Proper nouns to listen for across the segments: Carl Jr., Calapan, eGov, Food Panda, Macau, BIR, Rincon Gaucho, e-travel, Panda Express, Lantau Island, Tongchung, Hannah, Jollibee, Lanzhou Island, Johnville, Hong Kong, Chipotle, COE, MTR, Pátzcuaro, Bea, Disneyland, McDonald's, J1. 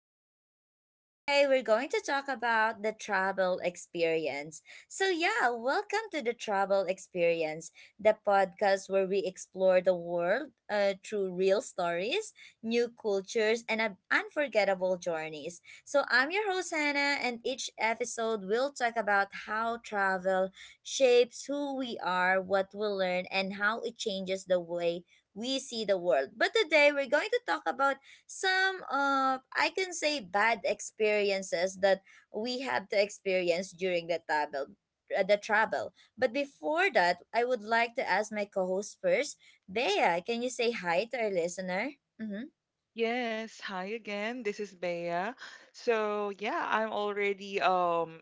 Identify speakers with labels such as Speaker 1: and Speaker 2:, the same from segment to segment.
Speaker 1: Bea. And today we're going to talk about the travel experience. So, yeah, welcome to the travel experience, the podcast where we explore the world through real stories, new cultures, and unforgettable journeys. So, I'm your host, Hannah, and each episode we'll talk about how travel shapes who we are, what we learn, and how it changes the way we see the world. But today we're going to talk about some of, I can say, bad experiences that we have to experience during the travel. But before that, I would like to ask my co-host first. Bea, can you say hi to our listener? Mhm.
Speaker 2: Yes, hi again. This is Bea. So, yeah, I'm already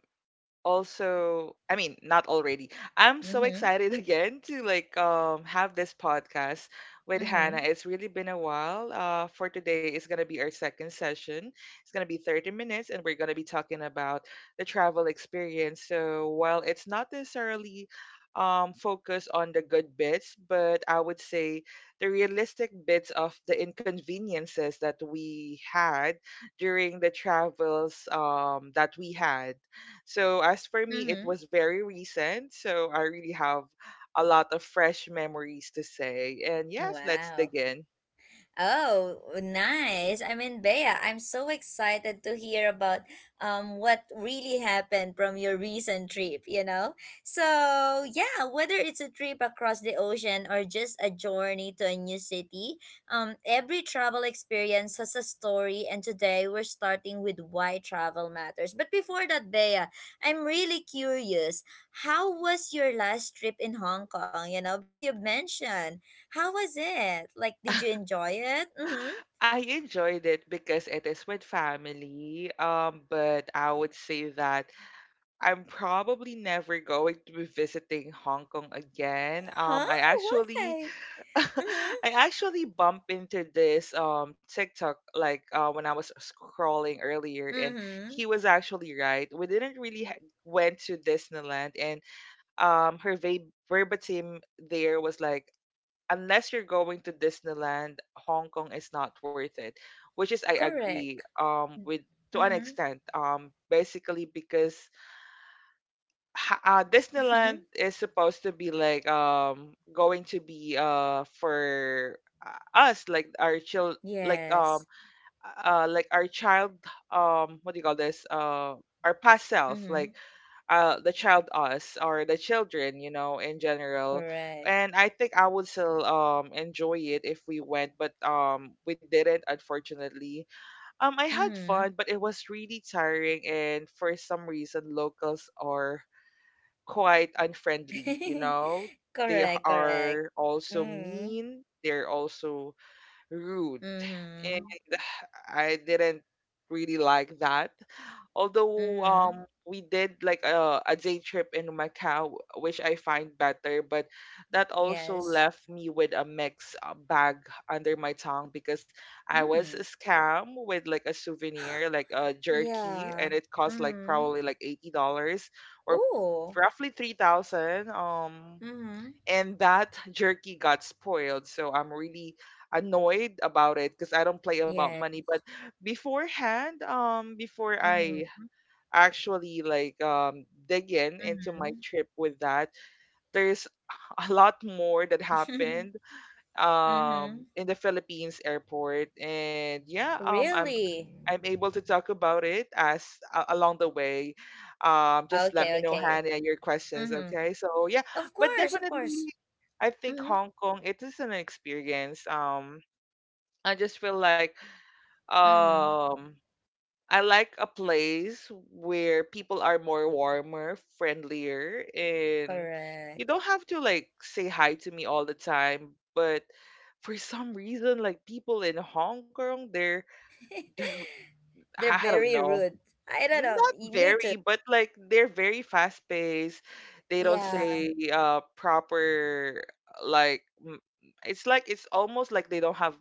Speaker 2: also I mean not already I'm so
Speaker 1: Mhm.
Speaker 2: excited again to like have this podcast with Hannah.
Speaker 1: Mhm.
Speaker 2: It's really been a while. For today is gonna be our second session. It's gonna be 30 minutes and we're gonna be talking about the travel experience. So while it's not necessarily focused on the good bits, but I would say the realistic bits of the inconveniences that we had during the travels that we had so as for me, it
Speaker 1: Mhm.
Speaker 2: was very recent. So I really have a lot of fresh memories to say. And yes, let's
Speaker 1: Wow.
Speaker 2: dig in.
Speaker 1: Oh, nice. I mean, Bea, I'm so excited to hear about what really happened from your recent trip, you know? So, yeah, whether it's a trip across the ocean or just a journey to a new city, every travel experience has a story, and today we're starting with why travel matters. But before that, Bea, I'm really curious. How was your last trip in Hong Kong, you know? Because you mentioned, how was it? Like, did you enjoy it? Mm-hmm.
Speaker 2: I enjoyed it because it is with family. But I would say that I'm probably never going to be visiting Hong Kong again.
Speaker 1: Huh?
Speaker 2: I actually
Speaker 1: Why? Mm-hmm.
Speaker 2: I actually bumped into this TikTok like, when I was scrolling earlier, and
Speaker 1: Mm-hmm.
Speaker 2: he was actually right. We didn't really ha- went to Disneyland, and verbatim, there was like, unless you're going to Disneyland, Hong Kong is not worth it, which is I agree
Speaker 1: Correct.
Speaker 2: with to an
Speaker 1: Mm-hmm.
Speaker 2: extent, basically because Disneyland
Speaker 1: Mm-hmm.
Speaker 2: is supposed to be like going to be for uh, us, like our child
Speaker 1: Yes.
Speaker 2: like our child, what do you call this, our past self,
Speaker 1: Mm-hmm.
Speaker 2: like the child us or the children, you know, in general.
Speaker 1: Correct.
Speaker 2: And I think I would still enjoy it if we went, but we didn't, unfortunately. I had
Speaker 1: Mm-hmm.
Speaker 2: fun, but it was really tiring, and for some reason locals are quite unfriendly, They
Speaker 1: Correct, correct.
Speaker 2: are also
Speaker 1: Mm-hmm.
Speaker 2: mean, they're also rude. And
Speaker 1: Mm-hmm.
Speaker 2: I didn't really like that, although
Speaker 1: Mm-hmm.
Speaker 2: we did like a day trip in Macau, which I find better, but that also
Speaker 1: Yes.
Speaker 2: left me with a mixed bag under my tongue because I was
Speaker 1: Mm.
Speaker 2: scammed with like a souvenir, like a jerky, and
Speaker 1: Yeah.
Speaker 2: it cost like
Speaker 1: Mm.
Speaker 2: probably like $80 or
Speaker 1: Ooh.
Speaker 2: roughly 3,000.
Speaker 1: Mm.
Speaker 2: And that jerky got spoiled, so I'm really annoyed about it because I don't play about
Speaker 1: Yeah.
Speaker 2: money. But beforehand, before
Speaker 1: Mm.
Speaker 2: I actually like dig in into my
Speaker 1: Mm.
Speaker 2: trip with that, there's a lot more that happened
Speaker 1: Mm.
Speaker 2: in the Philippines airport. And yeah,
Speaker 1: Really?
Speaker 2: I'm able to talk about it as, along the way. Just let
Speaker 1: Okay,
Speaker 2: me know,
Speaker 1: okay.
Speaker 2: Hannah, your questions,
Speaker 1: Mm-hmm.
Speaker 2: okay? So yeah,
Speaker 1: Of
Speaker 2: but
Speaker 1: course, of course.
Speaker 2: definitely I think
Speaker 1: Mm-hmm.
Speaker 2: Hong Kong, it is an experience. I just feel like
Speaker 1: Mm-hmm.
Speaker 2: um I like a place where people are more warmer, friendlier, and you
Speaker 1: Correct.
Speaker 2: don't have to like say hi to me all the time. But for some reason, like people in Hong Kong, they're
Speaker 1: They're
Speaker 2: I don't
Speaker 1: very
Speaker 2: know,
Speaker 1: rude. I don't know.
Speaker 2: not
Speaker 1: Me too.
Speaker 2: very, but like they're very fast paced. They don't
Speaker 1: Yeah.
Speaker 2: say proper like it's like it's almost like they don't have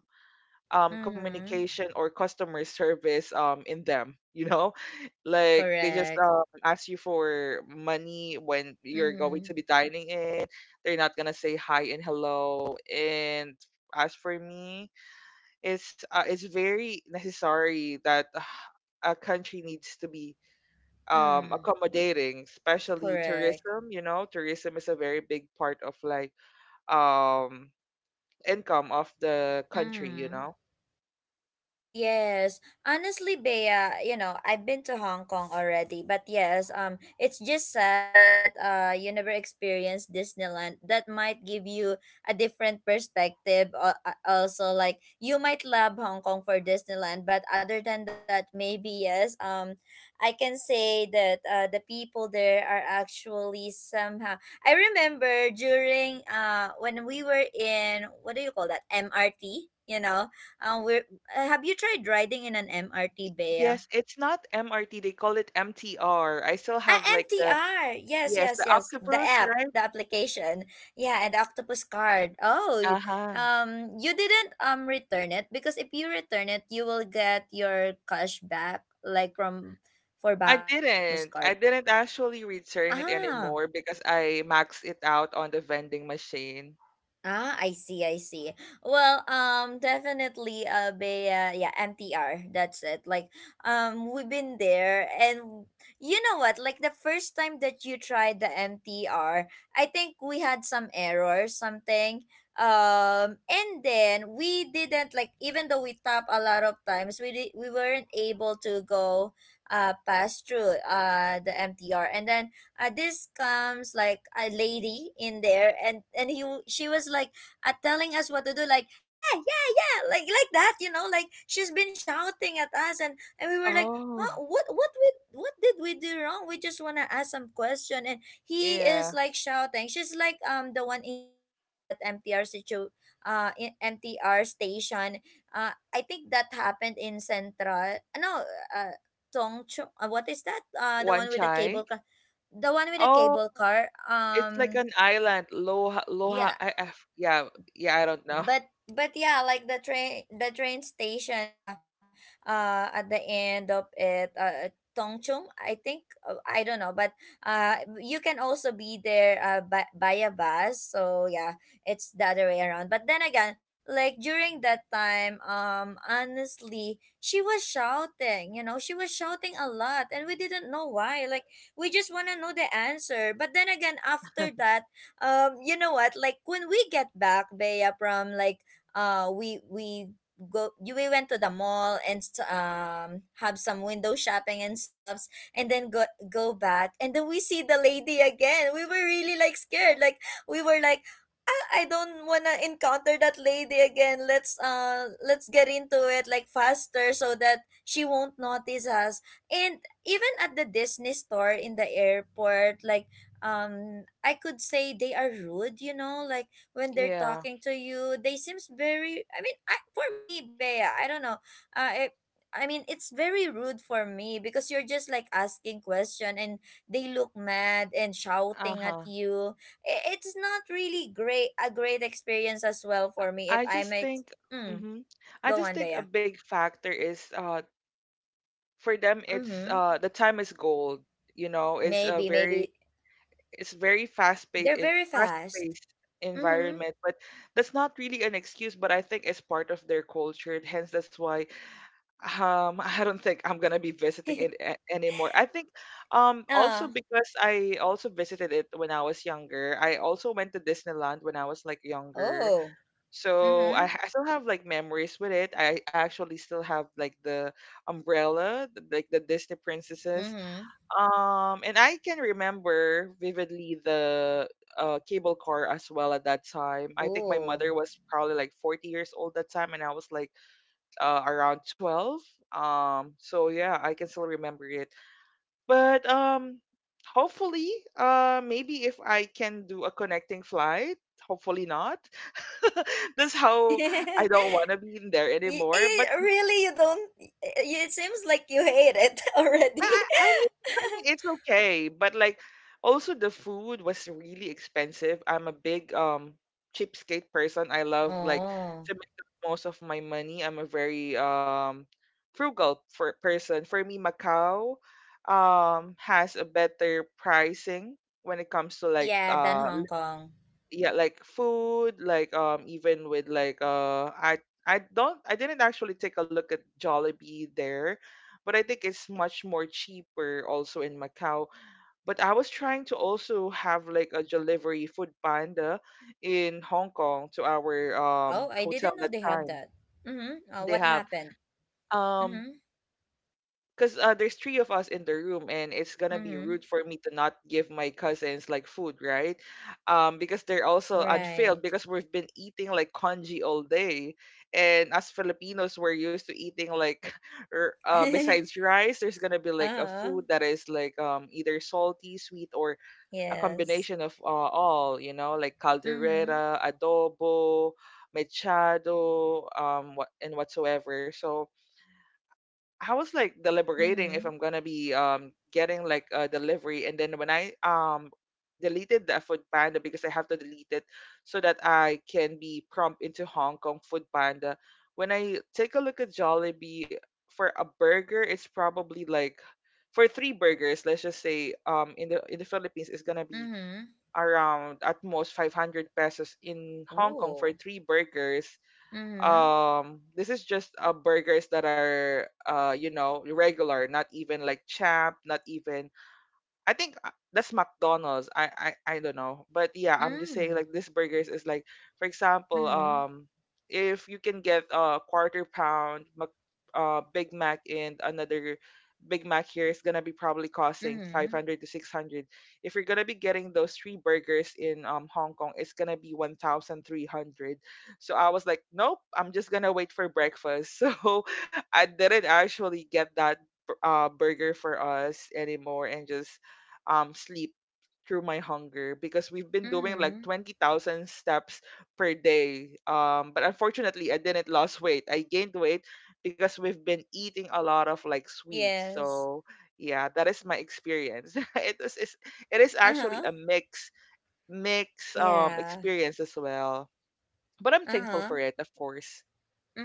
Speaker 1: Mm-hmm.
Speaker 2: communication or customer service, in them, you know. Like they just,
Speaker 1: Correct.
Speaker 2: ask you for money when you're going
Speaker 1: Mm-hmm.
Speaker 2: to be dining in. They're not gonna say hi and hello. And as for me, it's very necessary that a country needs to be
Speaker 1: Mm.
Speaker 2: accommodating, especially
Speaker 1: Correct.
Speaker 2: tourism. You know, tourism is a very big part of like um income of the country, you
Speaker 1: Mm-hmm.
Speaker 2: know.
Speaker 1: Yes. Honestly, Bea, you know, I've been to Hong Kong already, but yes, it's just sad that you never experienced Disneyland. That might give you a different perspective. Also, like, you might love Hong Kong for Disneyland, but other than that, maybe yes. I can say that the people there are actually somehow. I remember during, when we were in, what do you call that? MRT, you know? We Have you tried riding in an MRT,
Speaker 2: Y-
Speaker 1: Bea?
Speaker 2: Yes, it's not MRT. They call it MTR. I still
Speaker 1: Ah,
Speaker 2: have like the,
Speaker 1: MTR. Yes,
Speaker 2: yes,
Speaker 1: yes,
Speaker 2: the
Speaker 1: yes. The
Speaker 2: octopus,
Speaker 1: app,
Speaker 2: right?
Speaker 1: the application. Yeah, and the octopus card. Oh,
Speaker 2: Uh-huh.
Speaker 1: you didn't return it, because if you return it, you will get your cash back, like, from for
Speaker 2: I
Speaker 1: buying the octopus
Speaker 2: didn't. I
Speaker 1: card.
Speaker 2: didn't actually return it
Speaker 1: Ah.
Speaker 2: anymore because I maxed it out on the vending machine.
Speaker 1: Ah, I see, I see. Well, definitely, Bea, yeah, MTR, that's it. Like, we've been there, and you know what? Like, the first time that you tried the MTR, I think we had some error, something. And then we didn't, like, even though we tap a lot of times, we weren't able to go, pass through, the MTR. And then, this comes like a lady in there, and she was like, telling us what to do, like, hey, yeah, yeah, like that, you know, like, she's been shouting at us. And we were like,
Speaker 2: Oh,
Speaker 1: huh, what we what did we do wrong? We just want to ask some question, and he is
Speaker 2: yeah.
Speaker 1: like shouting. She's like the one in charge in that mtr situ in MTR station. I think that happened in Central. No, uh Tongchong, what is that? The one
Speaker 2: One
Speaker 1: with the cable
Speaker 2: chai.
Speaker 1: car, the one with the
Speaker 2: Oh,
Speaker 1: cable car
Speaker 2: it's like
Speaker 1: um
Speaker 2: an island. Loha, Loha.
Speaker 1: yeah.
Speaker 2: Yeah, yeah. I don't know.
Speaker 1: But yeah, like, the train station, at the end of it, Tongchung, I think. I don't know, but uh, you can also be there, by a bus. So, yeah, it's the other way around. But then again, like, during that time, honestly, she was shouting. You know, she was shouting a lot, and we didn't know why. Like, we just wanna know the answer. But then again, after that, you know what, like, when we get back, Bea, from, like, we go you we went to the mall, and have some window shopping and stuffs, and then go back. And then we see the lady again. We were really like scared, like, we were like, I don't wanna encounter that lady again. Let's get into it like faster, so that she won't notice us. And even at the Disney store in the airport, like, I could say they are rude. Like, when they're
Speaker 2: Yeah.
Speaker 1: talking to you, they seems very, I mean, for me, Bea, I don't know. uh, I, I mean, it's very rude for me, because you're just like asking question, and they look mad and shouting at
Speaker 2: Uh-huh.
Speaker 1: you. It's not really great, a great experience as well
Speaker 2: I
Speaker 1: for me, if
Speaker 2: I
Speaker 1: I
Speaker 2: just
Speaker 1: might.
Speaker 2: think,
Speaker 1: Mm,
Speaker 2: hmm I
Speaker 1: go
Speaker 2: just
Speaker 1: on,
Speaker 2: think a
Speaker 1: Bea.
Speaker 2: big factor is, for them it's,
Speaker 1: Mm-hmm.
Speaker 2: the time is gold. You know,
Speaker 1: Maybe, maybe.
Speaker 2: it's very fast paced
Speaker 1: They're
Speaker 2: in
Speaker 1: very
Speaker 2: fast
Speaker 1: fast.
Speaker 2: paced
Speaker 1: Mm-hmm.
Speaker 2: environment. But that's not really an excuse, but I think it's part of their culture, hence that's why, I don't think I'm gonna be visiting it anymore, I think.
Speaker 1: Ah.
Speaker 2: Also, because I also visited it when I was younger, I also went to Disneyland when I was like younger.
Speaker 1: Oh.
Speaker 2: So
Speaker 1: Mm-hmm.
Speaker 2: I still have like memories with it. I actually still have like the umbrella, like the Disney princesses.
Speaker 1: Mm-hmm.
Speaker 2: And I can remember vividly the, cable car as well at that time. I think my
Speaker 1: Oh.
Speaker 2: mother was probably like 40 years old that time, and I was like, around 12. So yeah, I can still remember it. But hopefully, maybe if I can do a connecting flight, hopefully not. That's how I don't want to be in there anymore. But
Speaker 1: Really, you don't. It seems like you hate it already.
Speaker 2: I mean, it's okay. But like, also the food was really expensive. I'm a big cheapskate person. I love like
Speaker 1: Oh.
Speaker 2: to make the most of my money. I'm a very frugal for person. For me, Macau has a better pricing when it comes to like
Speaker 1: Yeah, than Hong Kong.
Speaker 2: yeah, like food, like even with like I didn't actually take a look at Jollibee there, but I think it's much more cheaper also in Macau. But I was trying to also have like a delivery Food Panda in Hong Kong to our
Speaker 1: Oh, I
Speaker 2: hotel
Speaker 1: didn't
Speaker 2: that
Speaker 1: know they have
Speaker 2: time.
Speaker 1: that. Mm-hmm. Oh,
Speaker 2: They
Speaker 1: what
Speaker 2: have,
Speaker 1: happened?
Speaker 2: um
Speaker 1: Mm-hmm.
Speaker 2: because there's three of us in the room, and it's gonna be
Speaker 1: Mm-hmm.
Speaker 2: rude for me to not give my cousins like food, right? Because they're also unfilled
Speaker 1: Right.
Speaker 2: because we've been eating like congee all day, and as Filipinos, we're used to eating like, besides rice, there's gonna be like a
Speaker 1: Uh-huh.
Speaker 2: food that is like either salty, sweet, or a
Speaker 1: Yes.
Speaker 2: combination of all, you know, like
Speaker 1: Mm-hmm.
Speaker 2: caldereta, adobo, mechado, what and whatsoever. So I was like deliberating if
Speaker 1: Mm-hmm.
Speaker 2: I'm gonna be getting like a delivery, and then when I deleted that Food Panda because I have to delete it so that I can be prompt into Hong Kong Food Panda. When I take a look at Jollibee for a burger, it's probably like, for three burgers, let's just say in the Philippines, it's gonna be
Speaker 1: Mm-hmm.
Speaker 2: around at most 500 pesos. In Hong Kong for
Speaker 1: Oh.
Speaker 2: three burgers,
Speaker 1: Mm-hmm.
Speaker 2: this is just burgers that are, you know, regular, not even like champ, not even, I think, that's McDonald's. I don't know, but yeah, I'm just saying like
Speaker 1: Mm-hmm.
Speaker 2: this burgers is like, for example,
Speaker 1: Mm-hmm.
Speaker 2: if you can get a quarter pound Big Mac, and another Big Mac here is gonna be probably costing five
Speaker 1: Mm-hmm.
Speaker 2: hundred to 600. If you're gonna be getting those three burgers in Hong Kong, it's gonna be 1,300. So I was like, nope, I'm just gonna wait for breakfast. So I didn't actually get that burger for us anymore and just sleep through my hunger because we've been doing like
Speaker 1: Mm-hmm.
Speaker 2: 20,000 steps per day. But unfortunately, I didn't lose weight. I gained weight because we've been eating a lot of like sweets.
Speaker 1: Yes.
Speaker 2: So yeah, that is my experience. It is actually a
Speaker 1: Uh-huh.
Speaker 2: mix
Speaker 1: Yeah.
Speaker 2: experience as well. But I'm thankful for
Speaker 1: Uh-huh.
Speaker 2: it, of course.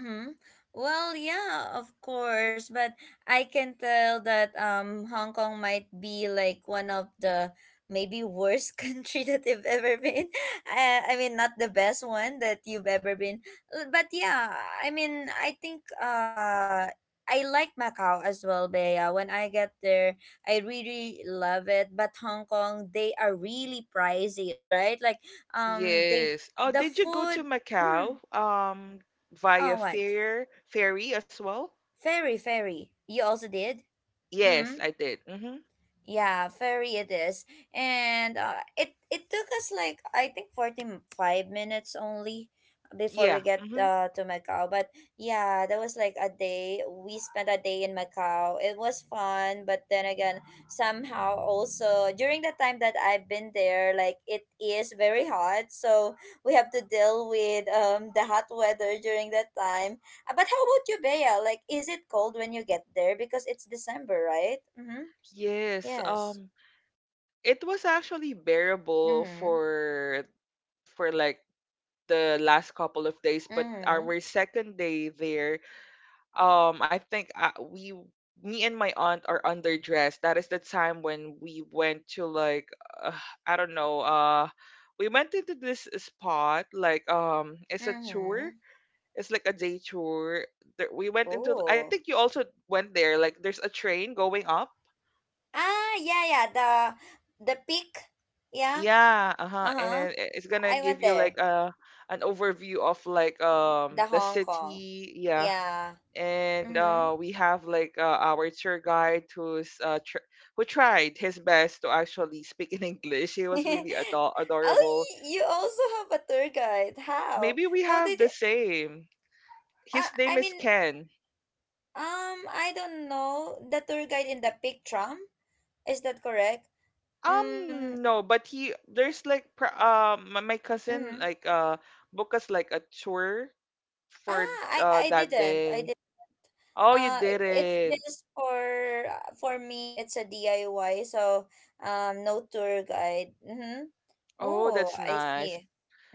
Speaker 1: Mm-hmm. Well, yeah, of course, but I can tell that Hong Kong might be like one of the, maybe, worst country that you've ever been. I mean, not the best one that you've ever been. But yeah, I mean, I think I like Macau as well, Bea. When I get there, I really love it. But Hong Kong, they are really pricey, right? Like, um, they
Speaker 2: Yes. Oh,
Speaker 1: the
Speaker 2: did you go to
Speaker 1: food. Mm,
Speaker 2: Macau
Speaker 1: oh,
Speaker 2: via
Speaker 1: what?
Speaker 2: fair ferry as well?
Speaker 1: Fairy, fairy. You also did?
Speaker 2: Yes,
Speaker 1: Mm,
Speaker 2: I did. Hmm.
Speaker 1: yeah, very it is. And it took us, like, I think, 45 minutes only before
Speaker 2: Yeah.
Speaker 1: we get,
Speaker 2: Hmm.
Speaker 1: to Macau. But yeah, that was like a day. We spent a day in Macau. It was fun, but then again, somehow also during the time that I've been there, like, it is very hot. So we have to deal with the hot weather during that time. But how about you, Bea? Like, is it cold when you get there, because it's December, right? Mhm.
Speaker 2: Yes.
Speaker 1: Yes.
Speaker 2: It was actually bearable
Speaker 1: Mm-hmm.
Speaker 2: for, like, the last couple of days, but our
Speaker 1: Mm-hmm.
Speaker 2: second day there, I think me and my aunt are underdressed. That is the time when we went to like, uh, I don't know, we went into this spot, like, it's a tour.
Speaker 1: Mm-hmm.
Speaker 2: It's like a day tour. There, we went into. I
Speaker 1: Oh.
Speaker 2: think you also went there. Like, there's a train going up.
Speaker 1: Ah, yeah, yeah. The peak. Yeah.
Speaker 2: Yeah, uh-huh. And
Speaker 1: Uh-huh.
Speaker 2: then it's gonna
Speaker 1: I went
Speaker 2: give you like
Speaker 1: there.
Speaker 2: an overview of like
Speaker 1: The
Speaker 2: the
Speaker 1: Hong Kong.
Speaker 2: city, yeah.
Speaker 1: Yeah.
Speaker 2: And
Speaker 1: Mm-hmm.
Speaker 2: we have like our tour guide who tried his best to actually speak in English. He
Speaker 1: Oh,
Speaker 2: was really adorable.
Speaker 1: you also have a tour guide. How?
Speaker 2: Maybe we
Speaker 1: How
Speaker 2: have
Speaker 1: did
Speaker 2: the
Speaker 1: it?
Speaker 2: same. His name
Speaker 1: I
Speaker 2: is
Speaker 1: mean,
Speaker 2: Ken.
Speaker 1: I don't know. The tour guide in the peak tram. Is that correct? Mm.
Speaker 2: No, but he there's like my cousin
Speaker 1: Mm-hmm.
Speaker 2: like booked us like a tour for
Speaker 1: Ah, I I
Speaker 2: that
Speaker 1: didn't. I
Speaker 2: day.
Speaker 1: did.
Speaker 2: Oh, you
Speaker 1: It's
Speaker 2: didn't.
Speaker 1: just for me. It's a DIY, so, no tour guide. Mm-hmm.
Speaker 2: Oh,
Speaker 1: Oh,
Speaker 2: that's
Speaker 1: I
Speaker 2: nice.
Speaker 1: see.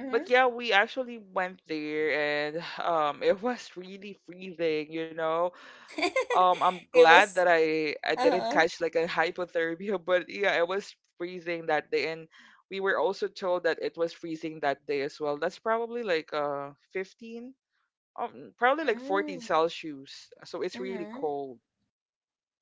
Speaker 1: Mm-hmm.
Speaker 2: But yeah, we actually went there and it was really freezing, you know. Um, I'm
Speaker 1: It
Speaker 2: glad that
Speaker 1: was.
Speaker 2: I didn't
Speaker 1: Uh-huh.
Speaker 2: catch like a hypothermia, but yeah, it was freezing that day, and we were also told that it was freezing that day as well. That's probably like 15, probably like 14
Speaker 1: Mm.
Speaker 2: Celsius. So it's really
Speaker 1: Mm-hmm.
Speaker 2: cold.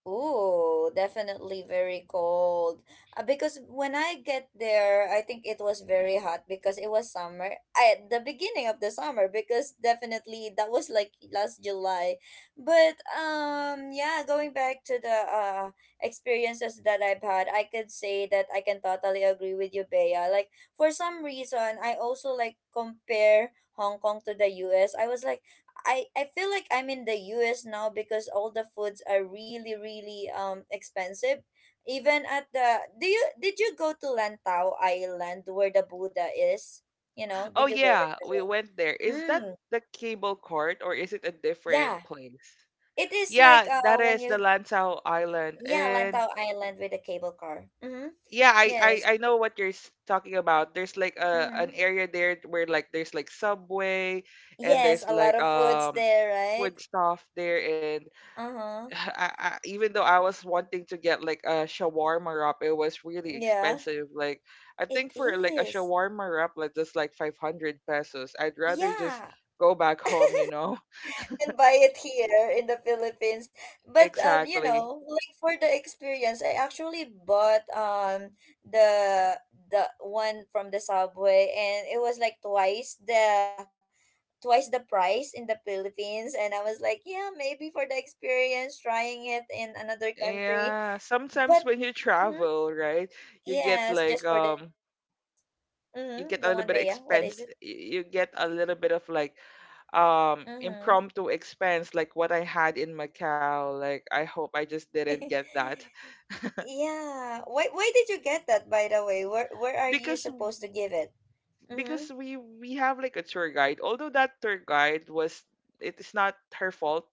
Speaker 1: Oh, definitely very cold. Because when I get there, I think it was very hot because it was summer. I The beginning of the summer, because definitely that was like last July. But yeah, going back to the experiences that I've had, I could say that I can totally agree with you, Bea. Like, for some reason, I also like compare Hong Kong to the U.S. I was like, I feel like I'm in the US now, because all the foods are really, really expensive. Even at the do you Did you go to Lantau Island where the Buddha is? You know,
Speaker 2: Oh
Speaker 1: did you go there
Speaker 2: yeah,
Speaker 1: as
Speaker 2: we
Speaker 1: well?
Speaker 2: went there. Is that
Speaker 1: Mm,
Speaker 2: the cable court or is it a
Speaker 1: yeah.
Speaker 2: different place?
Speaker 1: It is like,
Speaker 2: Yeah, that
Speaker 1: when
Speaker 2: is the
Speaker 1: you,
Speaker 2: Lanzhou Island.
Speaker 1: yeah,
Speaker 2: And
Speaker 1: Lantau Island with the cable car. Mm-hmm.
Speaker 2: yeah, I, I,
Speaker 1: Yes.
Speaker 2: I know what you're talking about. There's like a an
Speaker 1: Mm-hmm.
Speaker 2: area there where like there's like Subway and
Speaker 1: Yes,
Speaker 2: there's
Speaker 1: a lot
Speaker 2: like
Speaker 1: of foods there, right?
Speaker 2: food stuff there and
Speaker 1: Uh-huh.
Speaker 2: even though I was wanting to get like a shawarma wrap, it was really
Speaker 1: Yeah.
Speaker 2: expensive. Like I
Speaker 1: It
Speaker 2: think for like a
Speaker 1: is.
Speaker 2: shawarma wrap like just like 500 pesos. I'd rather just
Speaker 1: Yeah.
Speaker 2: go back home, you know.
Speaker 1: And buy it here in the Philippines. But you
Speaker 2: Exactly.
Speaker 1: know, like, for the experience, I actually bought the the one from the subway, and it was like twice the price in the Philippines, and I was like, yeah, maybe for the experience, trying it in another country.
Speaker 2: Yeah, sometimes
Speaker 1: But,
Speaker 2: when you
Speaker 1: mhm,
Speaker 2: travel, right, you get
Speaker 1: yes,
Speaker 2: like
Speaker 1: just for the
Speaker 2: um
Speaker 1: experience.
Speaker 2: you get
Speaker 1: Mm-hmm.
Speaker 2: a
Speaker 1: Go
Speaker 2: little
Speaker 1: on,
Speaker 2: bit
Speaker 1: Bea. What is it?
Speaker 2: you get a little bit of like
Speaker 1: Mm-hmm.
Speaker 2: impromptu expense like what I had in Macau. Like I hope I just didn't get that.
Speaker 1: Yeah. Why did you get that, by the way? Where are you
Speaker 2: Because
Speaker 1: supposed to give it?
Speaker 2: because
Speaker 1: Mm-hmm.
Speaker 2: we have like a tour guide. Although that tour guide was, it is not her fault,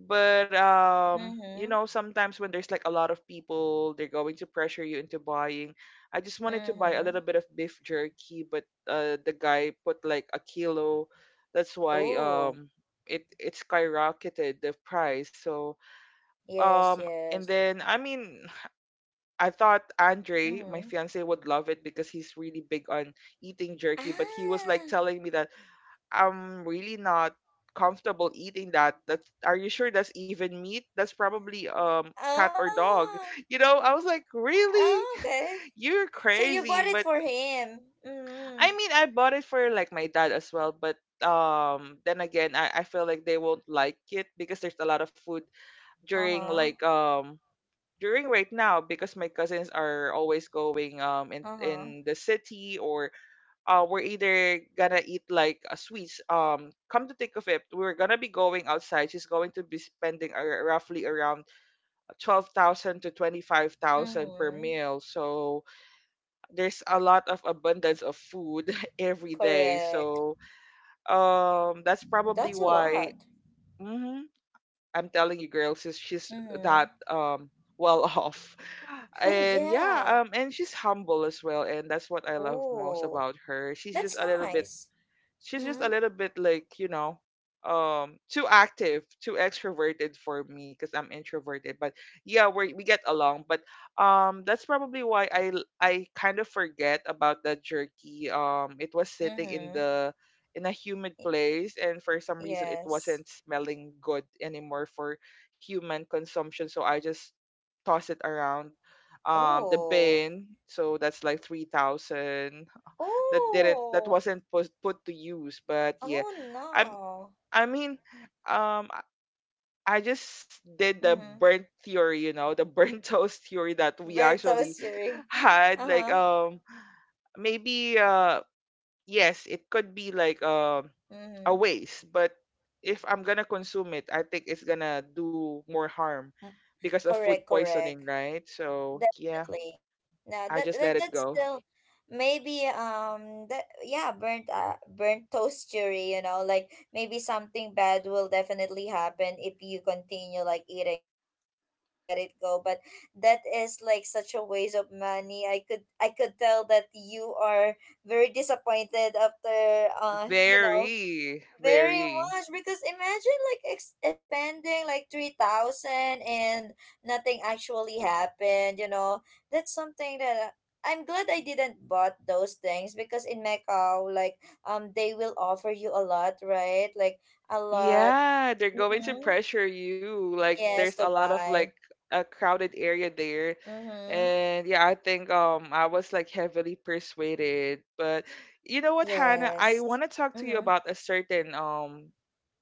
Speaker 2: but you
Speaker 1: Mm-hmm.
Speaker 2: know, sometimes when there's like a lot of people, they're going to pressure you into buying. I just wanted to buy a
Speaker 1: Mm-hmm.
Speaker 2: little bit of beef jerky, but the guy put like a kilo. That's why
Speaker 1: Oh.
Speaker 2: it it skyrocketed the price. So
Speaker 1: Yes,
Speaker 2: um and
Speaker 1: yes.
Speaker 2: then I mean, I thought Andre, my
Speaker 1: Mm-hmm.
Speaker 2: fiance, would love it because he's really big on eating jerky, but he was like
Speaker 1: Ah.
Speaker 2: telling me that, "I'm really not comfortable eating that. That's, are you sure that's even meat? That's probably cat or dog."
Speaker 1: Oh.
Speaker 2: You know, I was like, "Really?
Speaker 1: Oh, okay.
Speaker 2: You're
Speaker 1: So you bought
Speaker 2: crazy."
Speaker 1: it
Speaker 2: But
Speaker 1: for him. Mm-hmm.
Speaker 2: I mean, I bought it for like my dad as well, but then again, I feel like they won't like it because there's a lot of food during
Speaker 1: Uh-huh.
Speaker 2: like during right now, because my cousins are always going in
Speaker 1: Uh-huh.
Speaker 2: in the city. Or we're either gonna eat like a sweets. Come to think of it, we're gonna be going outside. She's going to be spending roughly around 12,000 to 25,000 per
Speaker 1: Mm-hmm.
Speaker 2: meal. So there's a lot of abundance of food every day.
Speaker 1: Correct.
Speaker 2: So that's probably
Speaker 1: That's a
Speaker 2: why.
Speaker 1: lot.
Speaker 2: Mhm, I'm telling you, girls, is she's, that,
Speaker 1: Mm-hmm.
Speaker 2: well off. And
Speaker 1: Yeah.
Speaker 2: yeah, and she's humble as well, and that's what I love most
Speaker 1: Oh.
Speaker 2: about her. She's just
Speaker 1: That's
Speaker 2: a little bit,
Speaker 1: nice.
Speaker 2: she's just a
Speaker 1: Mm-hmm.
Speaker 2: little bit like, too active, too extroverted for me because I'm introverted. But yeah, we get along. But that's probably why I kind of forget about the jerky. It was sitting in
Speaker 1: Mm-hmm.
Speaker 2: the, in a humid place, and for some reason it
Speaker 1: Yes.
Speaker 2: wasn't smelling good anymore for human consumption. So I just toss it around the
Speaker 1: Oh,
Speaker 2: bin. So that's like 3000 that didn't, that
Speaker 1: oh,
Speaker 2: wasn't put to use. But yeah,
Speaker 1: oh
Speaker 2: I'm,
Speaker 1: no.
Speaker 2: I mean, um i I just did the
Speaker 1: Mm-hmm.
Speaker 2: burnt theory, you know, the burnt toast theory that we
Speaker 1: Bird
Speaker 2: actually
Speaker 1: toastery.
Speaker 2: had. Like
Speaker 1: Uh-huh.
Speaker 2: maybe yes, it could be like a
Speaker 1: Mm-hmm.
Speaker 2: waste, but if I'm gonna consume it, I think it's gonna do more harm
Speaker 1: Mm-hmm.
Speaker 2: because of food
Speaker 1: Correct, correct.
Speaker 2: poisoning, right? So yeah,
Speaker 1: Definitely. No,
Speaker 2: I
Speaker 1: that,
Speaker 2: just
Speaker 1: that
Speaker 2: let it
Speaker 1: that's
Speaker 2: go.
Speaker 1: still, maybe, that yeah burnt toast jury, you know, like, maybe something bad will definitely happen if you continue like eating it, so you just have to let it go. But that is like such a waste of money. I could tell that you are very disappointed, after
Speaker 2: very
Speaker 1: very
Speaker 2: very
Speaker 1: much, because imagine, like, spending like 3,000, and nothing actually happened, you know. That's something that, I'm glad I didn't bought those things, because in Macau, like, they will offer you a lot, right? Like, a lot.
Speaker 2: Yeah, they're going to
Speaker 1: Mm-hmm.
Speaker 2: pressure you. Like there's
Speaker 1: Yes,
Speaker 2: a
Speaker 1: to
Speaker 2: lot of like
Speaker 1: buy.
Speaker 2: a crowded area there.
Speaker 1: Mhm.
Speaker 2: And yeah, I think I was like heavily persuaded. But you know what, Hannah, I
Speaker 1: Yes.
Speaker 2: want to talk to you
Speaker 1: Mhm.
Speaker 2: about a certain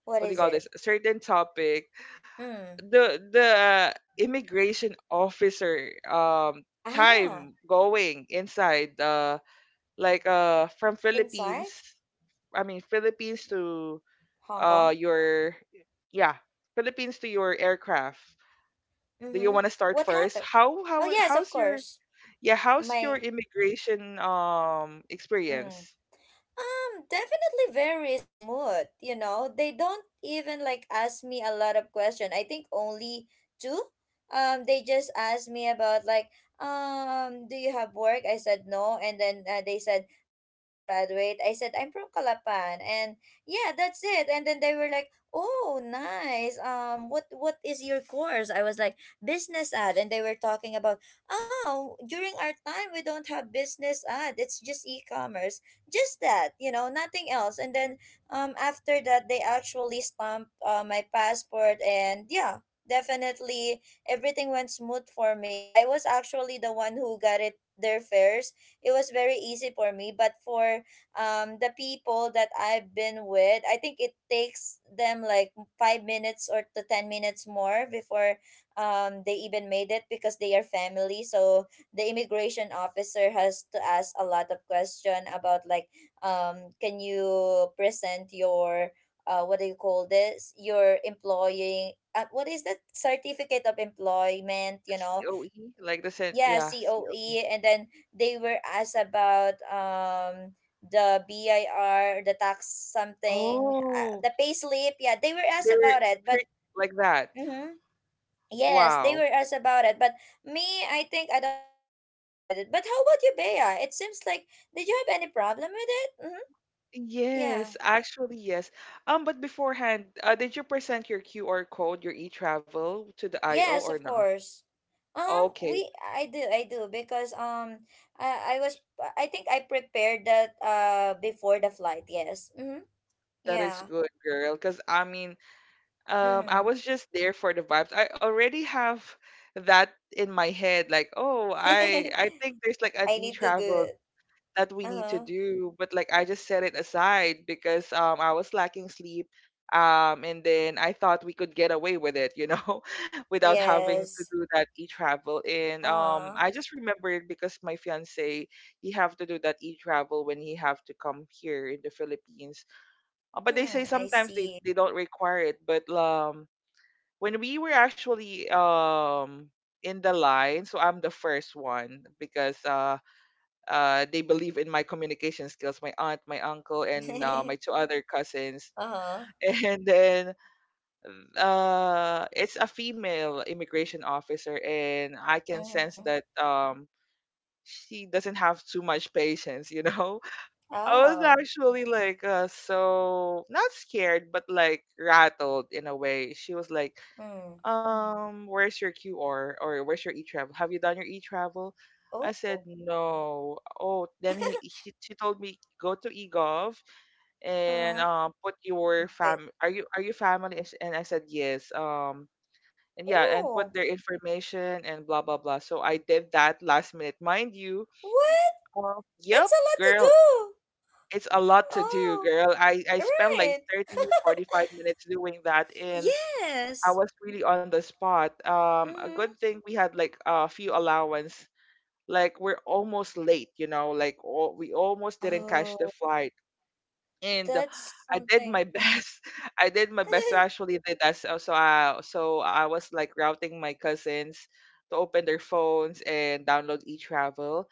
Speaker 1: What
Speaker 2: what do
Speaker 1: is
Speaker 2: you call
Speaker 1: it?
Speaker 2: this? A certain topic.
Speaker 1: Mm.
Speaker 2: The immigration officer
Speaker 1: Ah,
Speaker 2: time going inside from Philippines,
Speaker 1: inside
Speaker 2: I mean Philippines to
Speaker 1: Hong Kong.
Speaker 2: your yeah Philippines to your aircraft. Do you want
Speaker 1: Mhm.
Speaker 2: to start
Speaker 1: What
Speaker 2: first?
Speaker 1: happened?
Speaker 2: How
Speaker 1: Oh
Speaker 2: how
Speaker 1: yes, of
Speaker 2: how's your
Speaker 1: course.
Speaker 2: yeah how's your
Speaker 1: My.
Speaker 2: immigration
Speaker 1: Mm.
Speaker 2: experience?
Speaker 1: Definitely very smooth. You know, they don't even like ask me a lot of question. I think only two. They just asked me about, like, do you have work? I said no, and then they said, where did you graduate? I said I'm from Calapan, and yeah, that's it. And then they were like, oh, nice. What is your course? I was like business ad, and they were talking about, oh, during our time we don't have business ad. It's just e-commerce, just that, you know, nothing else. And then after that they actually stamped my passport. And yeah, definitely everything went smooth for me. I was actually the one who got it their fares. It was very easy for me, but for the people that I've been with, I think it takes them like 5 minutes or to 10 minutes more before they even made it, because they are family. So the immigration officer has to ask a lot of question about like, can you present your what do you call this your employing what is that, certificate of employment,
Speaker 2: The
Speaker 1: you know.
Speaker 2: COE, like the
Speaker 1: Yeah,
Speaker 2: COE.
Speaker 1: COE. And then they were asked about the BIR, the tax something,
Speaker 2: Oh,
Speaker 1: the pay slip. Yeah, they were asked
Speaker 2: they're
Speaker 1: about it, but
Speaker 2: strict like that.
Speaker 1: mhm, yes, they
Speaker 2: Wow.
Speaker 1: were asked about it. But me, I think I don't have any problem with it. But how about you, Bea? It seems like, did you have any problem with it? Mm-hmm.
Speaker 2: Yes,
Speaker 1: Yeah.
Speaker 2: actually yes. But beforehand, did you present your QR code, your e-travel to the IO
Speaker 1: Yes,
Speaker 2: or
Speaker 1: of
Speaker 2: no?
Speaker 1: course.
Speaker 2: Okay,
Speaker 1: We I do because I was, I think, I prepared that before the flight. Yes. Mm-hmm.
Speaker 2: that is
Speaker 1: Yeah.
Speaker 2: good, girl. Because I mean, I
Speaker 1: Mm.
Speaker 2: was just there for the vibes. I already have that in my head, like, oh, I think there's like an
Speaker 1: I need to do
Speaker 2: e-travel
Speaker 1: it.
Speaker 2: that we
Speaker 1: Uh
Speaker 2: need to
Speaker 1: huh.
Speaker 2: do, but like I just set it aside because I was lacking sleep. And then I thought we could get away with it, you know, without having to
Speaker 1: Yes.
Speaker 2: do that e-travel. And
Speaker 1: Uh huh.
Speaker 2: I just remembered because my fiance, he have to do that e-travel when he have to come here in the Philippines. But they say
Speaker 1: Mm. I
Speaker 2: sometimes they,
Speaker 1: see.
Speaker 2: they don't require it. But when we were actually in the line, so I'm the first one because they believe in my communication skills, my aunt, my uncle, and my two other cousins.
Speaker 1: uh huh.
Speaker 2: And then it's a female immigration officer, and I can sense
Speaker 1: Mm-hmm.
Speaker 2: that she doesn't have too much patience, you know. I was
Speaker 1: Oh.
Speaker 2: actually like so not scared but like rattled in a way. She was like,
Speaker 1: Hmm.
Speaker 2: "Where's your QR, or where's your e-travel? Have you done your e-travel?"
Speaker 1: Oh.
Speaker 2: I said, "No." Oh, then she told me, "Go to eGov and
Speaker 1: Uh-huh.
Speaker 2: put your
Speaker 1: Do it.
Speaker 2: fam are you, are you family?" And I said, "Yes." Um, and yeah, and put
Speaker 1: Oh.
Speaker 2: their information and blah blah blah. So I did that last minute, mind you.
Speaker 1: What? That's
Speaker 2: Yep,
Speaker 1: a lot to
Speaker 2: girl,
Speaker 1: do.
Speaker 2: it's a lot to
Speaker 1: Oh.
Speaker 2: do, girl. I spent
Speaker 1: Right.
Speaker 2: like thirty forty five minutes doing that, and I
Speaker 1: Yes.
Speaker 2: was really on the spot. A
Speaker 1: Mm-hmm.
Speaker 2: good thing we had like a few allowance. Like we're almost late, you know, like we almost didn't catch the
Speaker 1: Oh,
Speaker 2: flight. And
Speaker 1: that's
Speaker 2: I did
Speaker 1: something.
Speaker 2: my
Speaker 1: Mm.
Speaker 2: best. I did my best to actually did that. So, so I was like routing my cousins to open their phones and download e-travel.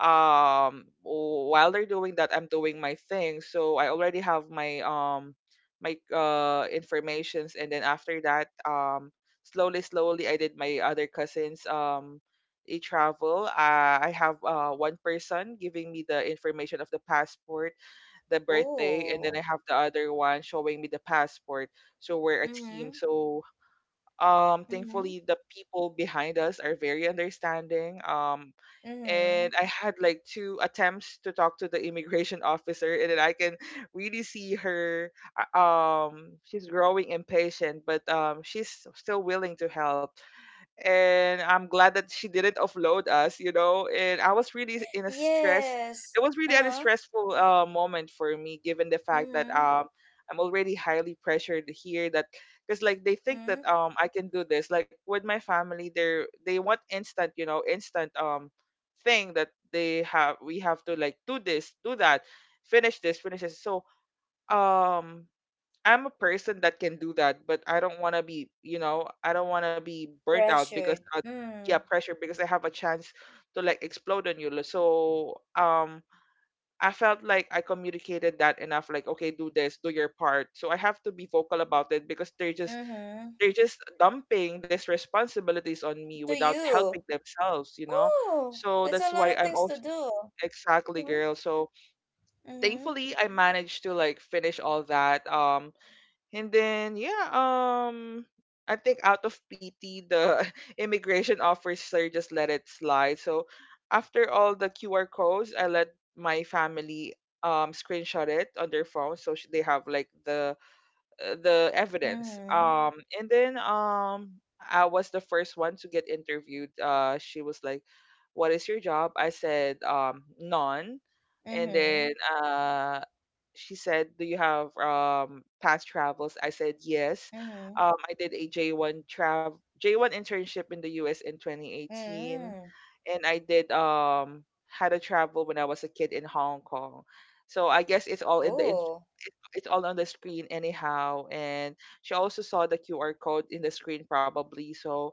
Speaker 2: While they're doing that, I'm doing my thing. So I already have my informations, and then after that, slowly, slowly, I did my other cousins' e-travel. I have one person giving me the information of the passport, the birthday, and then
Speaker 1: Oh.
Speaker 2: I have the other one showing me the passport. So we're a
Speaker 1: Mm-hmm.
Speaker 2: team. So
Speaker 1: Mm-hmm.
Speaker 2: thankfully, the people behind us are very understanding.
Speaker 1: Mm-hmm.
Speaker 2: And I had like two attempts to talk to the immigration officer, and then I can really see her. She's growing impatient, but she's still willing to help, and I'm glad that she didn't offload us, you know. And I was really in a stress.
Speaker 1: Yes.
Speaker 2: It was really a
Speaker 1: Uh-huh.
Speaker 2: stressful moment for me, given the fact that
Speaker 1: Mm-hmm.
Speaker 2: I'm already highly pressured here. That because like they think
Speaker 1: Mm-hmm.
Speaker 2: that I can do this. Like with my family, they want instant, you know, instant thing that they have. We have to like do this, do that, finish this, finish this. So um I'm a person that can do that, but I don't want to be, you know, I don't want to be burnt out because,
Speaker 1: Pressured.
Speaker 2: yeah,
Speaker 1: Mm.
Speaker 2: pressure, because I have a chance to like explode on you. So, I felt like I communicated that enough, like, okay, do this, do your part. So I have to be vocal about it because
Speaker 1: Mm-hmm.
Speaker 2: they're just dumping these responsibilities on me
Speaker 1: To
Speaker 2: without
Speaker 1: you.
Speaker 2: helping themselves, you know.
Speaker 1: Oh,
Speaker 2: So
Speaker 1: that's
Speaker 2: that's
Speaker 1: a lot
Speaker 2: why
Speaker 1: of
Speaker 2: I'm
Speaker 1: things to
Speaker 2: also,
Speaker 1: do.
Speaker 2: exactly,
Speaker 1: Mm-hmm.
Speaker 2: girl. So
Speaker 1: Mm-hmm.
Speaker 2: thankfully I managed to like finish all that. And then Yeah, I think out of pity the immigration officer just let it slide. So after all the QR codes, I let my family screenshot it on their phone, so they have like the evidence.
Speaker 1: Mhm.
Speaker 2: Um, and then I was the first one to get interviewed. Uh, she was like, "What is your job?" I said, "None." And then
Speaker 1: Mhm.
Speaker 2: uh she said, "Do you have past travels?" I said, "Yes."
Speaker 1: Mhm.
Speaker 2: I did a J1 internship in the US in 2018,
Speaker 1: Mm.
Speaker 2: and I did had a travel when I was a kid in Hong Kong. So I guess it's all in the
Speaker 1: Oh.
Speaker 2: it's all on the screen anyhow, and she also saw the QR code in the screen probably. So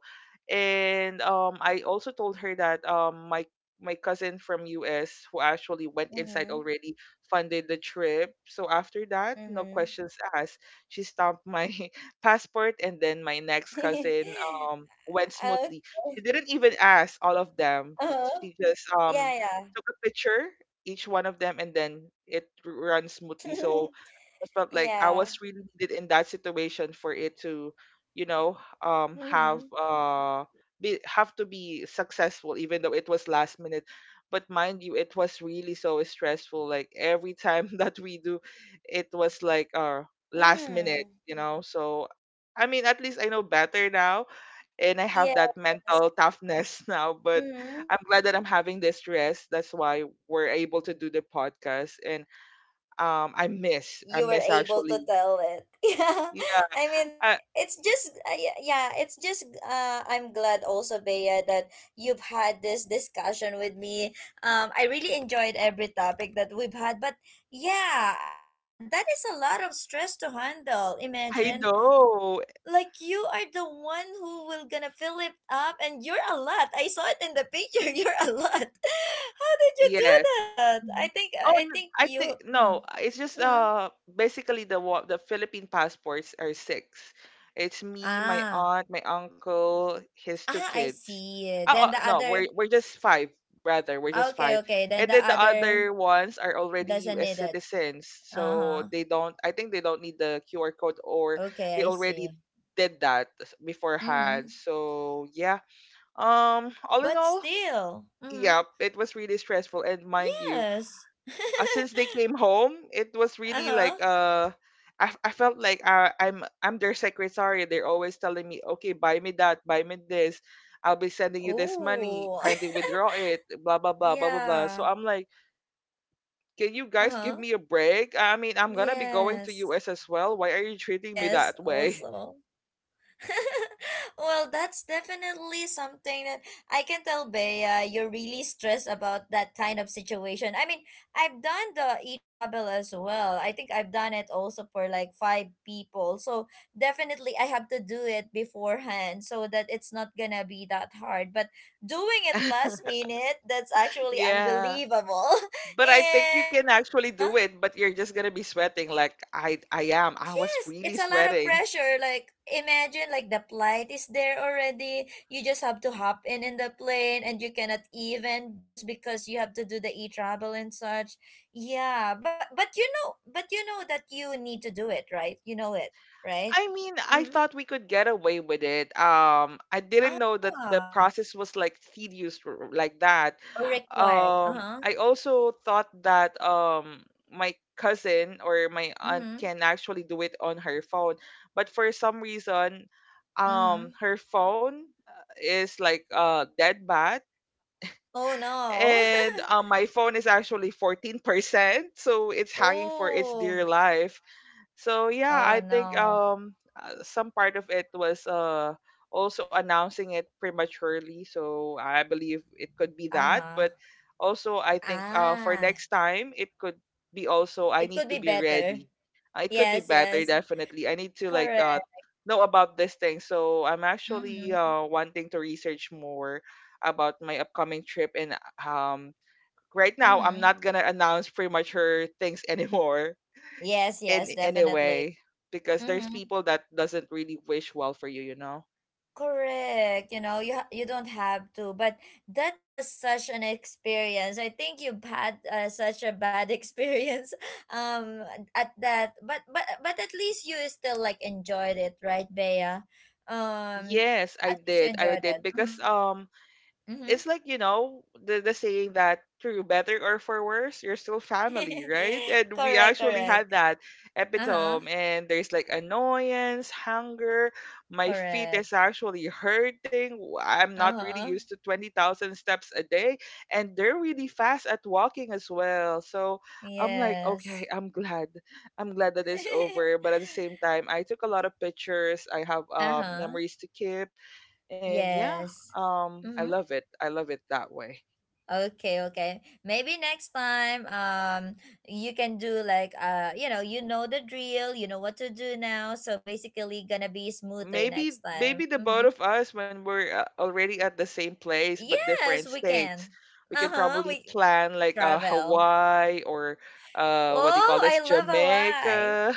Speaker 2: and I also told her that my my cousin from US who actually went inside
Speaker 1: Mhm.
Speaker 2: already funded the trip. So after that, no
Speaker 1: Mhm.
Speaker 2: questions asked. She stamped my passport, and then my next cousin went
Speaker 1: Okay.
Speaker 2: smoothly. She didn't even ask all of them.
Speaker 1: Uh-huh.
Speaker 2: She just
Speaker 1: Yeah, yeah.
Speaker 2: took a picture each one of them, and then ran smoothly. So I felt like I
Speaker 1: Yeah.
Speaker 2: was really needed in that situation for it to, you know, have
Speaker 1: Mhm.
Speaker 2: be have to be successful, even though it was last minute. But mind you, it was really so stressful. Like every time that we do, it was like last minute
Speaker 1: Mm.
Speaker 2: you know So I mean, at least I know better now, and I have that
Speaker 1: Yes.
Speaker 2: mental toughness now. But
Speaker 1: Mhm.
Speaker 2: I'm glad that I'm having this stress. That's why we're able to do the podcast. And um i miss i
Speaker 1: You were
Speaker 2: miss
Speaker 1: able
Speaker 2: actually,
Speaker 1: to tell it. Yeah,
Speaker 2: yeah.
Speaker 1: i mean uh,
Speaker 2: i
Speaker 1: it's just yeah, it's just I'm glad also, Bea, that you've had this discussion with me. I really enjoyed every topic that we've had. But yeah, I mean, that is a lot of stress to handle.
Speaker 2: i
Speaker 1: Imagine
Speaker 2: know.
Speaker 1: like you are the one who will gonna fill it up, and you're a lot, I saw it in the picture. You're a lot. How did you do
Speaker 2: Yes.
Speaker 1: that? i
Speaker 2: Mhm.
Speaker 1: think
Speaker 2: Oh,
Speaker 1: i think
Speaker 2: I
Speaker 1: you,
Speaker 2: think
Speaker 1: mm,
Speaker 2: no. It's just
Speaker 1: mm-hmm.
Speaker 2: basically the the Philippine passports are six. It's me, my
Speaker 1: Ah.
Speaker 2: aunt, my uncle, his two
Speaker 1: Ah, I
Speaker 2: kids.
Speaker 1: see.
Speaker 2: Oh, oh,
Speaker 1: Then the
Speaker 2: no, we're
Speaker 1: other,
Speaker 2: we're just five, rather. We're
Speaker 1: ah,
Speaker 2: just
Speaker 1: okay,
Speaker 2: five,
Speaker 1: okay. Then
Speaker 2: and
Speaker 1: the
Speaker 2: then the other
Speaker 1: other
Speaker 2: ones are already
Speaker 1: doesn't
Speaker 2: U.S.
Speaker 1: need it.
Speaker 2: citizens, so
Speaker 1: Uh-huh.
Speaker 2: they don't. I think they don't need the QR code, or they
Speaker 1: Okay, I
Speaker 2: already
Speaker 1: see.
Speaker 2: did that
Speaker 1: Mm-hmm.
Speaker 2: beforehand. So yeah. Um, all in
Speaker 1: But
Speaker 2: all,
Speaker 1: still. Mm-hmm.
Speaker 2: yeah, it was really stressful. And mind you,
Speaker 1: Yes.
Speaker 2: since they came home, it was really
Speaker 1: uh-huh.
Speaker 2: like I felt like I'm their secretary. They're always telling me, okay, buy me that, buy me this. I'll be sending you this money.
Speaker 1: Oh.
Speaker 2: Kindly withdraw it. Blah blah blah blah blah blah. So
Speaker 1: yeah.
Speaker 2: I'm like, can you guys give
Speaker 1: Uh-huh.
Speaker 2: me a break? I mean, I'm gonna be going to
Speaker 1: Yes.
Speaker 2: US as well. Why are you treating me
Speaker 1: Yes,
Speaker 2: that way?
Speaker 1: also. Well, that's definitely something that I can tell, Bea, you're really stressed about that kind of situation. I mean, I've done the e travel as well. I think I've done it also for like five people. So definitely I have to do it beforehand so that it's not gonna be that hard. But doing it last minute, that's actually
Speaker 2: Yeah.
Speaker 1: unbelievable.
Speaker 2: But I think you
Speaker 1: And
Speaker 2: can
Speaker 1: uh
Speaker 2: actually
Speaker 1: huh.
Speaker 2: do it, but you're just gonna be sweating like I am. I was
Speaker 1: Yes,
Speaker 2: really
Speaker 1: it's a lot of
Speaker 2: sweating.
Speaker 1: pressure. Like imagine, like the flight is there already. You just have to hop in the plane, and you cannot, even just because you have to do the e-travel and such. Yeah, but you know, but you know that you need to do it, right? You know it, right?
Speaker 2: I mean, I
Speaker 1: Mm-hmm.
Speaker 2: thought we could get away with it. I didn't know that the
Speaker 1: Ah,
Speaker 2: process was like tedious like that.
Speaker 1: or required. Uh-huh.
Speaker 2: I also thought that my cousin or my aunt
Speaker 1: Mm-hmm.
Speaker 2: can actually do it on her phone, but for some reason,
Speaker 1: Mm-hmm.
Speaker 2: her phone is like dead bad.
Speaker 1: Oh no.
Speaker 2: And my phone is actually 14%, so it's hanging for its
Speaker 1: oh.
Speaker 2: dear life. So yeah, I
Speaker 1: Oh
Speaker 2: think
Speaker 1: no.
Speaker 2: some part of it was also announcing it prematurely. So I believe it could be that,
Speaker 1: Uh-huh.
Speaker 2: but also I think for
Speaker 1: Ah.
Speaker 2: next time, it could be, also,
Speaker 1: It
Speaker 2: I
Speaker 1: could
Speaker 2: need
Speaker 1: be
Speaker 2: to be
Speaker 1: better.
Speaker 2: ready. It could be
Speaker 1: Yes,
Speaker 2: better,
Speaker 1: yes.
Speaker 2: definitely. I need to like
Speaker 1: Correct.
Speaker 2: know about this thing. So I'm actually
Speaker 1: Mm-hmm.
Speaker 2: wanting to research more about my upcoming trip. And um right now I'm
Speaker 1: Mm-hmm.
Speaker 2: not gonna announce premature things anymore,
Speaker 1: Yes,
Speaker 2: in
Speaker 1: yes, definitely.
Speaker 2: anyway, because there's
Speaker 1: Mm-hmm.
Speaker 2: people that doesn't really wish well for you you know
Speaker 1: Correct. You know, you don't have to, but that was such an experience. I think you've had such a bad experience um at that, but at least you still like enjoyed it, right, Bea? Um,
Speaker 2: Yes, I
Speaker 1: at least you
Speaker 2: did, I
Speaker 1: enjoyed
Speaker 2: did,
Speaker 1: it.
Speaker 2: because
Speaker 1: Mm-hmm. Mm-hmm.
Speaker 2: it's like, you know, the saying that through better or for worse, you're still family, right? And we
Speaker 1: Correct.
Speaker 2: actually had
Speaker 1: Correct.
Speaker 2: that
Speaker 1: Uh huh.
Speaker 2: epitome. And there's like annoyance, hunger, my feet is
Speaker 1: Correct.
Speaker 2: actually hurting. I'm
Speaker 1: Uh
Speaker 2: not really
Speaker 1: huh.
Speaker 2: used to 20,000 steps a day, and they're really fast at walking as well. So I'm like,
Speaker 1: Yes.
Speaker 2: okay, I'm glad that it's over, but at the same time, I took a lot of pictures. I have
Speaker 1: Uh-huh.
Speaker 2: memories to keep. And yeah,
Speaker 1: Yes.
Speaker 2: i
Speaker 1: Mm-hmm.
Speaker 2: love it i love it that way.
Speaker 1: Okay, okay. Maybe next time you can do like you know the drill, you know what to do now, so basically gonna be smoother
Speaker 2: Maybe,
Speaker 1: next time.
Speaker 2: maybe the both
Speaker 1: Mm-hmm.
Speaker 2: of us, when we're already at the same place but
Speaker 1: Yes,
Speaker 2: different
Speaker 1: we
Speaker 2: states,
Speaker 1: can.
Speaker 2: we can
Speaker 1: Uh-huh.
Speaker 2: probably
Speaker 1: We
Speaker 2: plan like
Speaker 1: travel.
Speaker 2: Hawaii or what do you call
Speaker 1: Oh, I
Speaker 2: this,
Speaker 1: love Hawaii.
Speaker 2: Jamaica.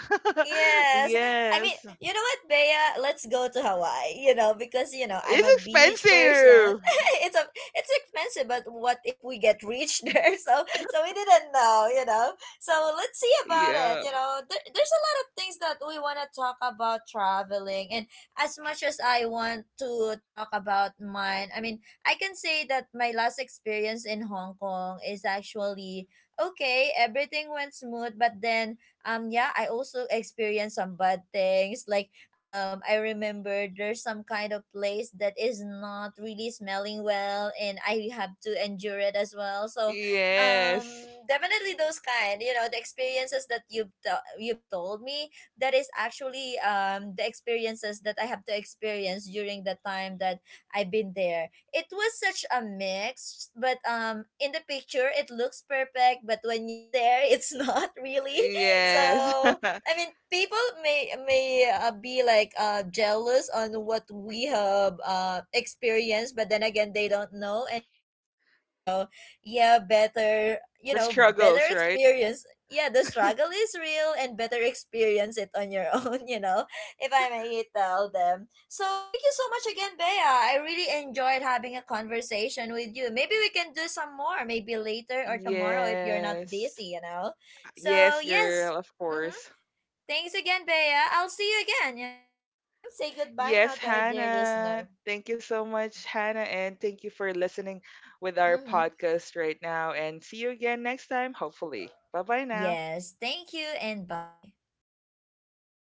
Speaker 1: Yes. I mean,
Speaker 2: Yes.
Speaker 1: you know what, Bea? Let's go to Hawaii, you know, because, you know, I'm a
Speaker 2: It's
Speaker 1: beach person.
Speaker 2: expensive.
Speaker 1: It's a, it's expensive, but what if we get rich there? So, so we didn't know, you know. So let's see about it,
Speaker 2: Yeah.
Speaker 1: you know. There's a lot of things that we want to talk about traveling, and as much as I want to talk about mine, I mean, I can say that my last experience in Hong Kong is actually okay. Everything went smooth, but then yeah, I also experienced some bad things, like I remember there's some kind of place that is not really smelling well, and I have to endure it as well. So um
Speaker 2: Yes,
Speaker 1: definitely those kind, you know, the experiences that you've told me, that is actually the experiences that I have to experience during the time that I've been there. It was such a mix, but in the picture it looks perfect, but when you're there it's not really.
Speaker 2: yes.
Speaker 1: So I mean, people may be like jealous on what we have experienced, but then again they don't know anything about it. So yeah, better, you
Speaker 2: The
Speaker 1: know, better
Speaker 2: struggles, right?
Speaker 1: experience. Yeah, the struggle is real, and better experience it on your own, you know, if I may tell them. So thank you so much again, Bea. I really enjoyed having a conversation with you. Maybe we can do some more maybe later or tomorrow, if you're not
Speaker 2: Yes,
Speaker 1: busy, you know. So
Speaker 2: yes,
Speaker 1: yes.
Speaker 2: girl, of
Speaker 1: Mm-hmm.
Speaker 2: course.
Speaker 1: Thanks again, Bea. I'll see you again, you know? Mm-hmm. Say goodbye now
Speaker 2: Yes,
Speaker 1: to our dear
Speaker 2: Hannah.
Speaker 1: listener.
Speaker 2: Thank you so much, Hannah, and thank you for listening with our
Speaker 1: Mm-hmm.
Speaker 2: podcast right now. And see you again next time, hopefully. Bye bye now.
Speaker 1: Yes, thank you and bye.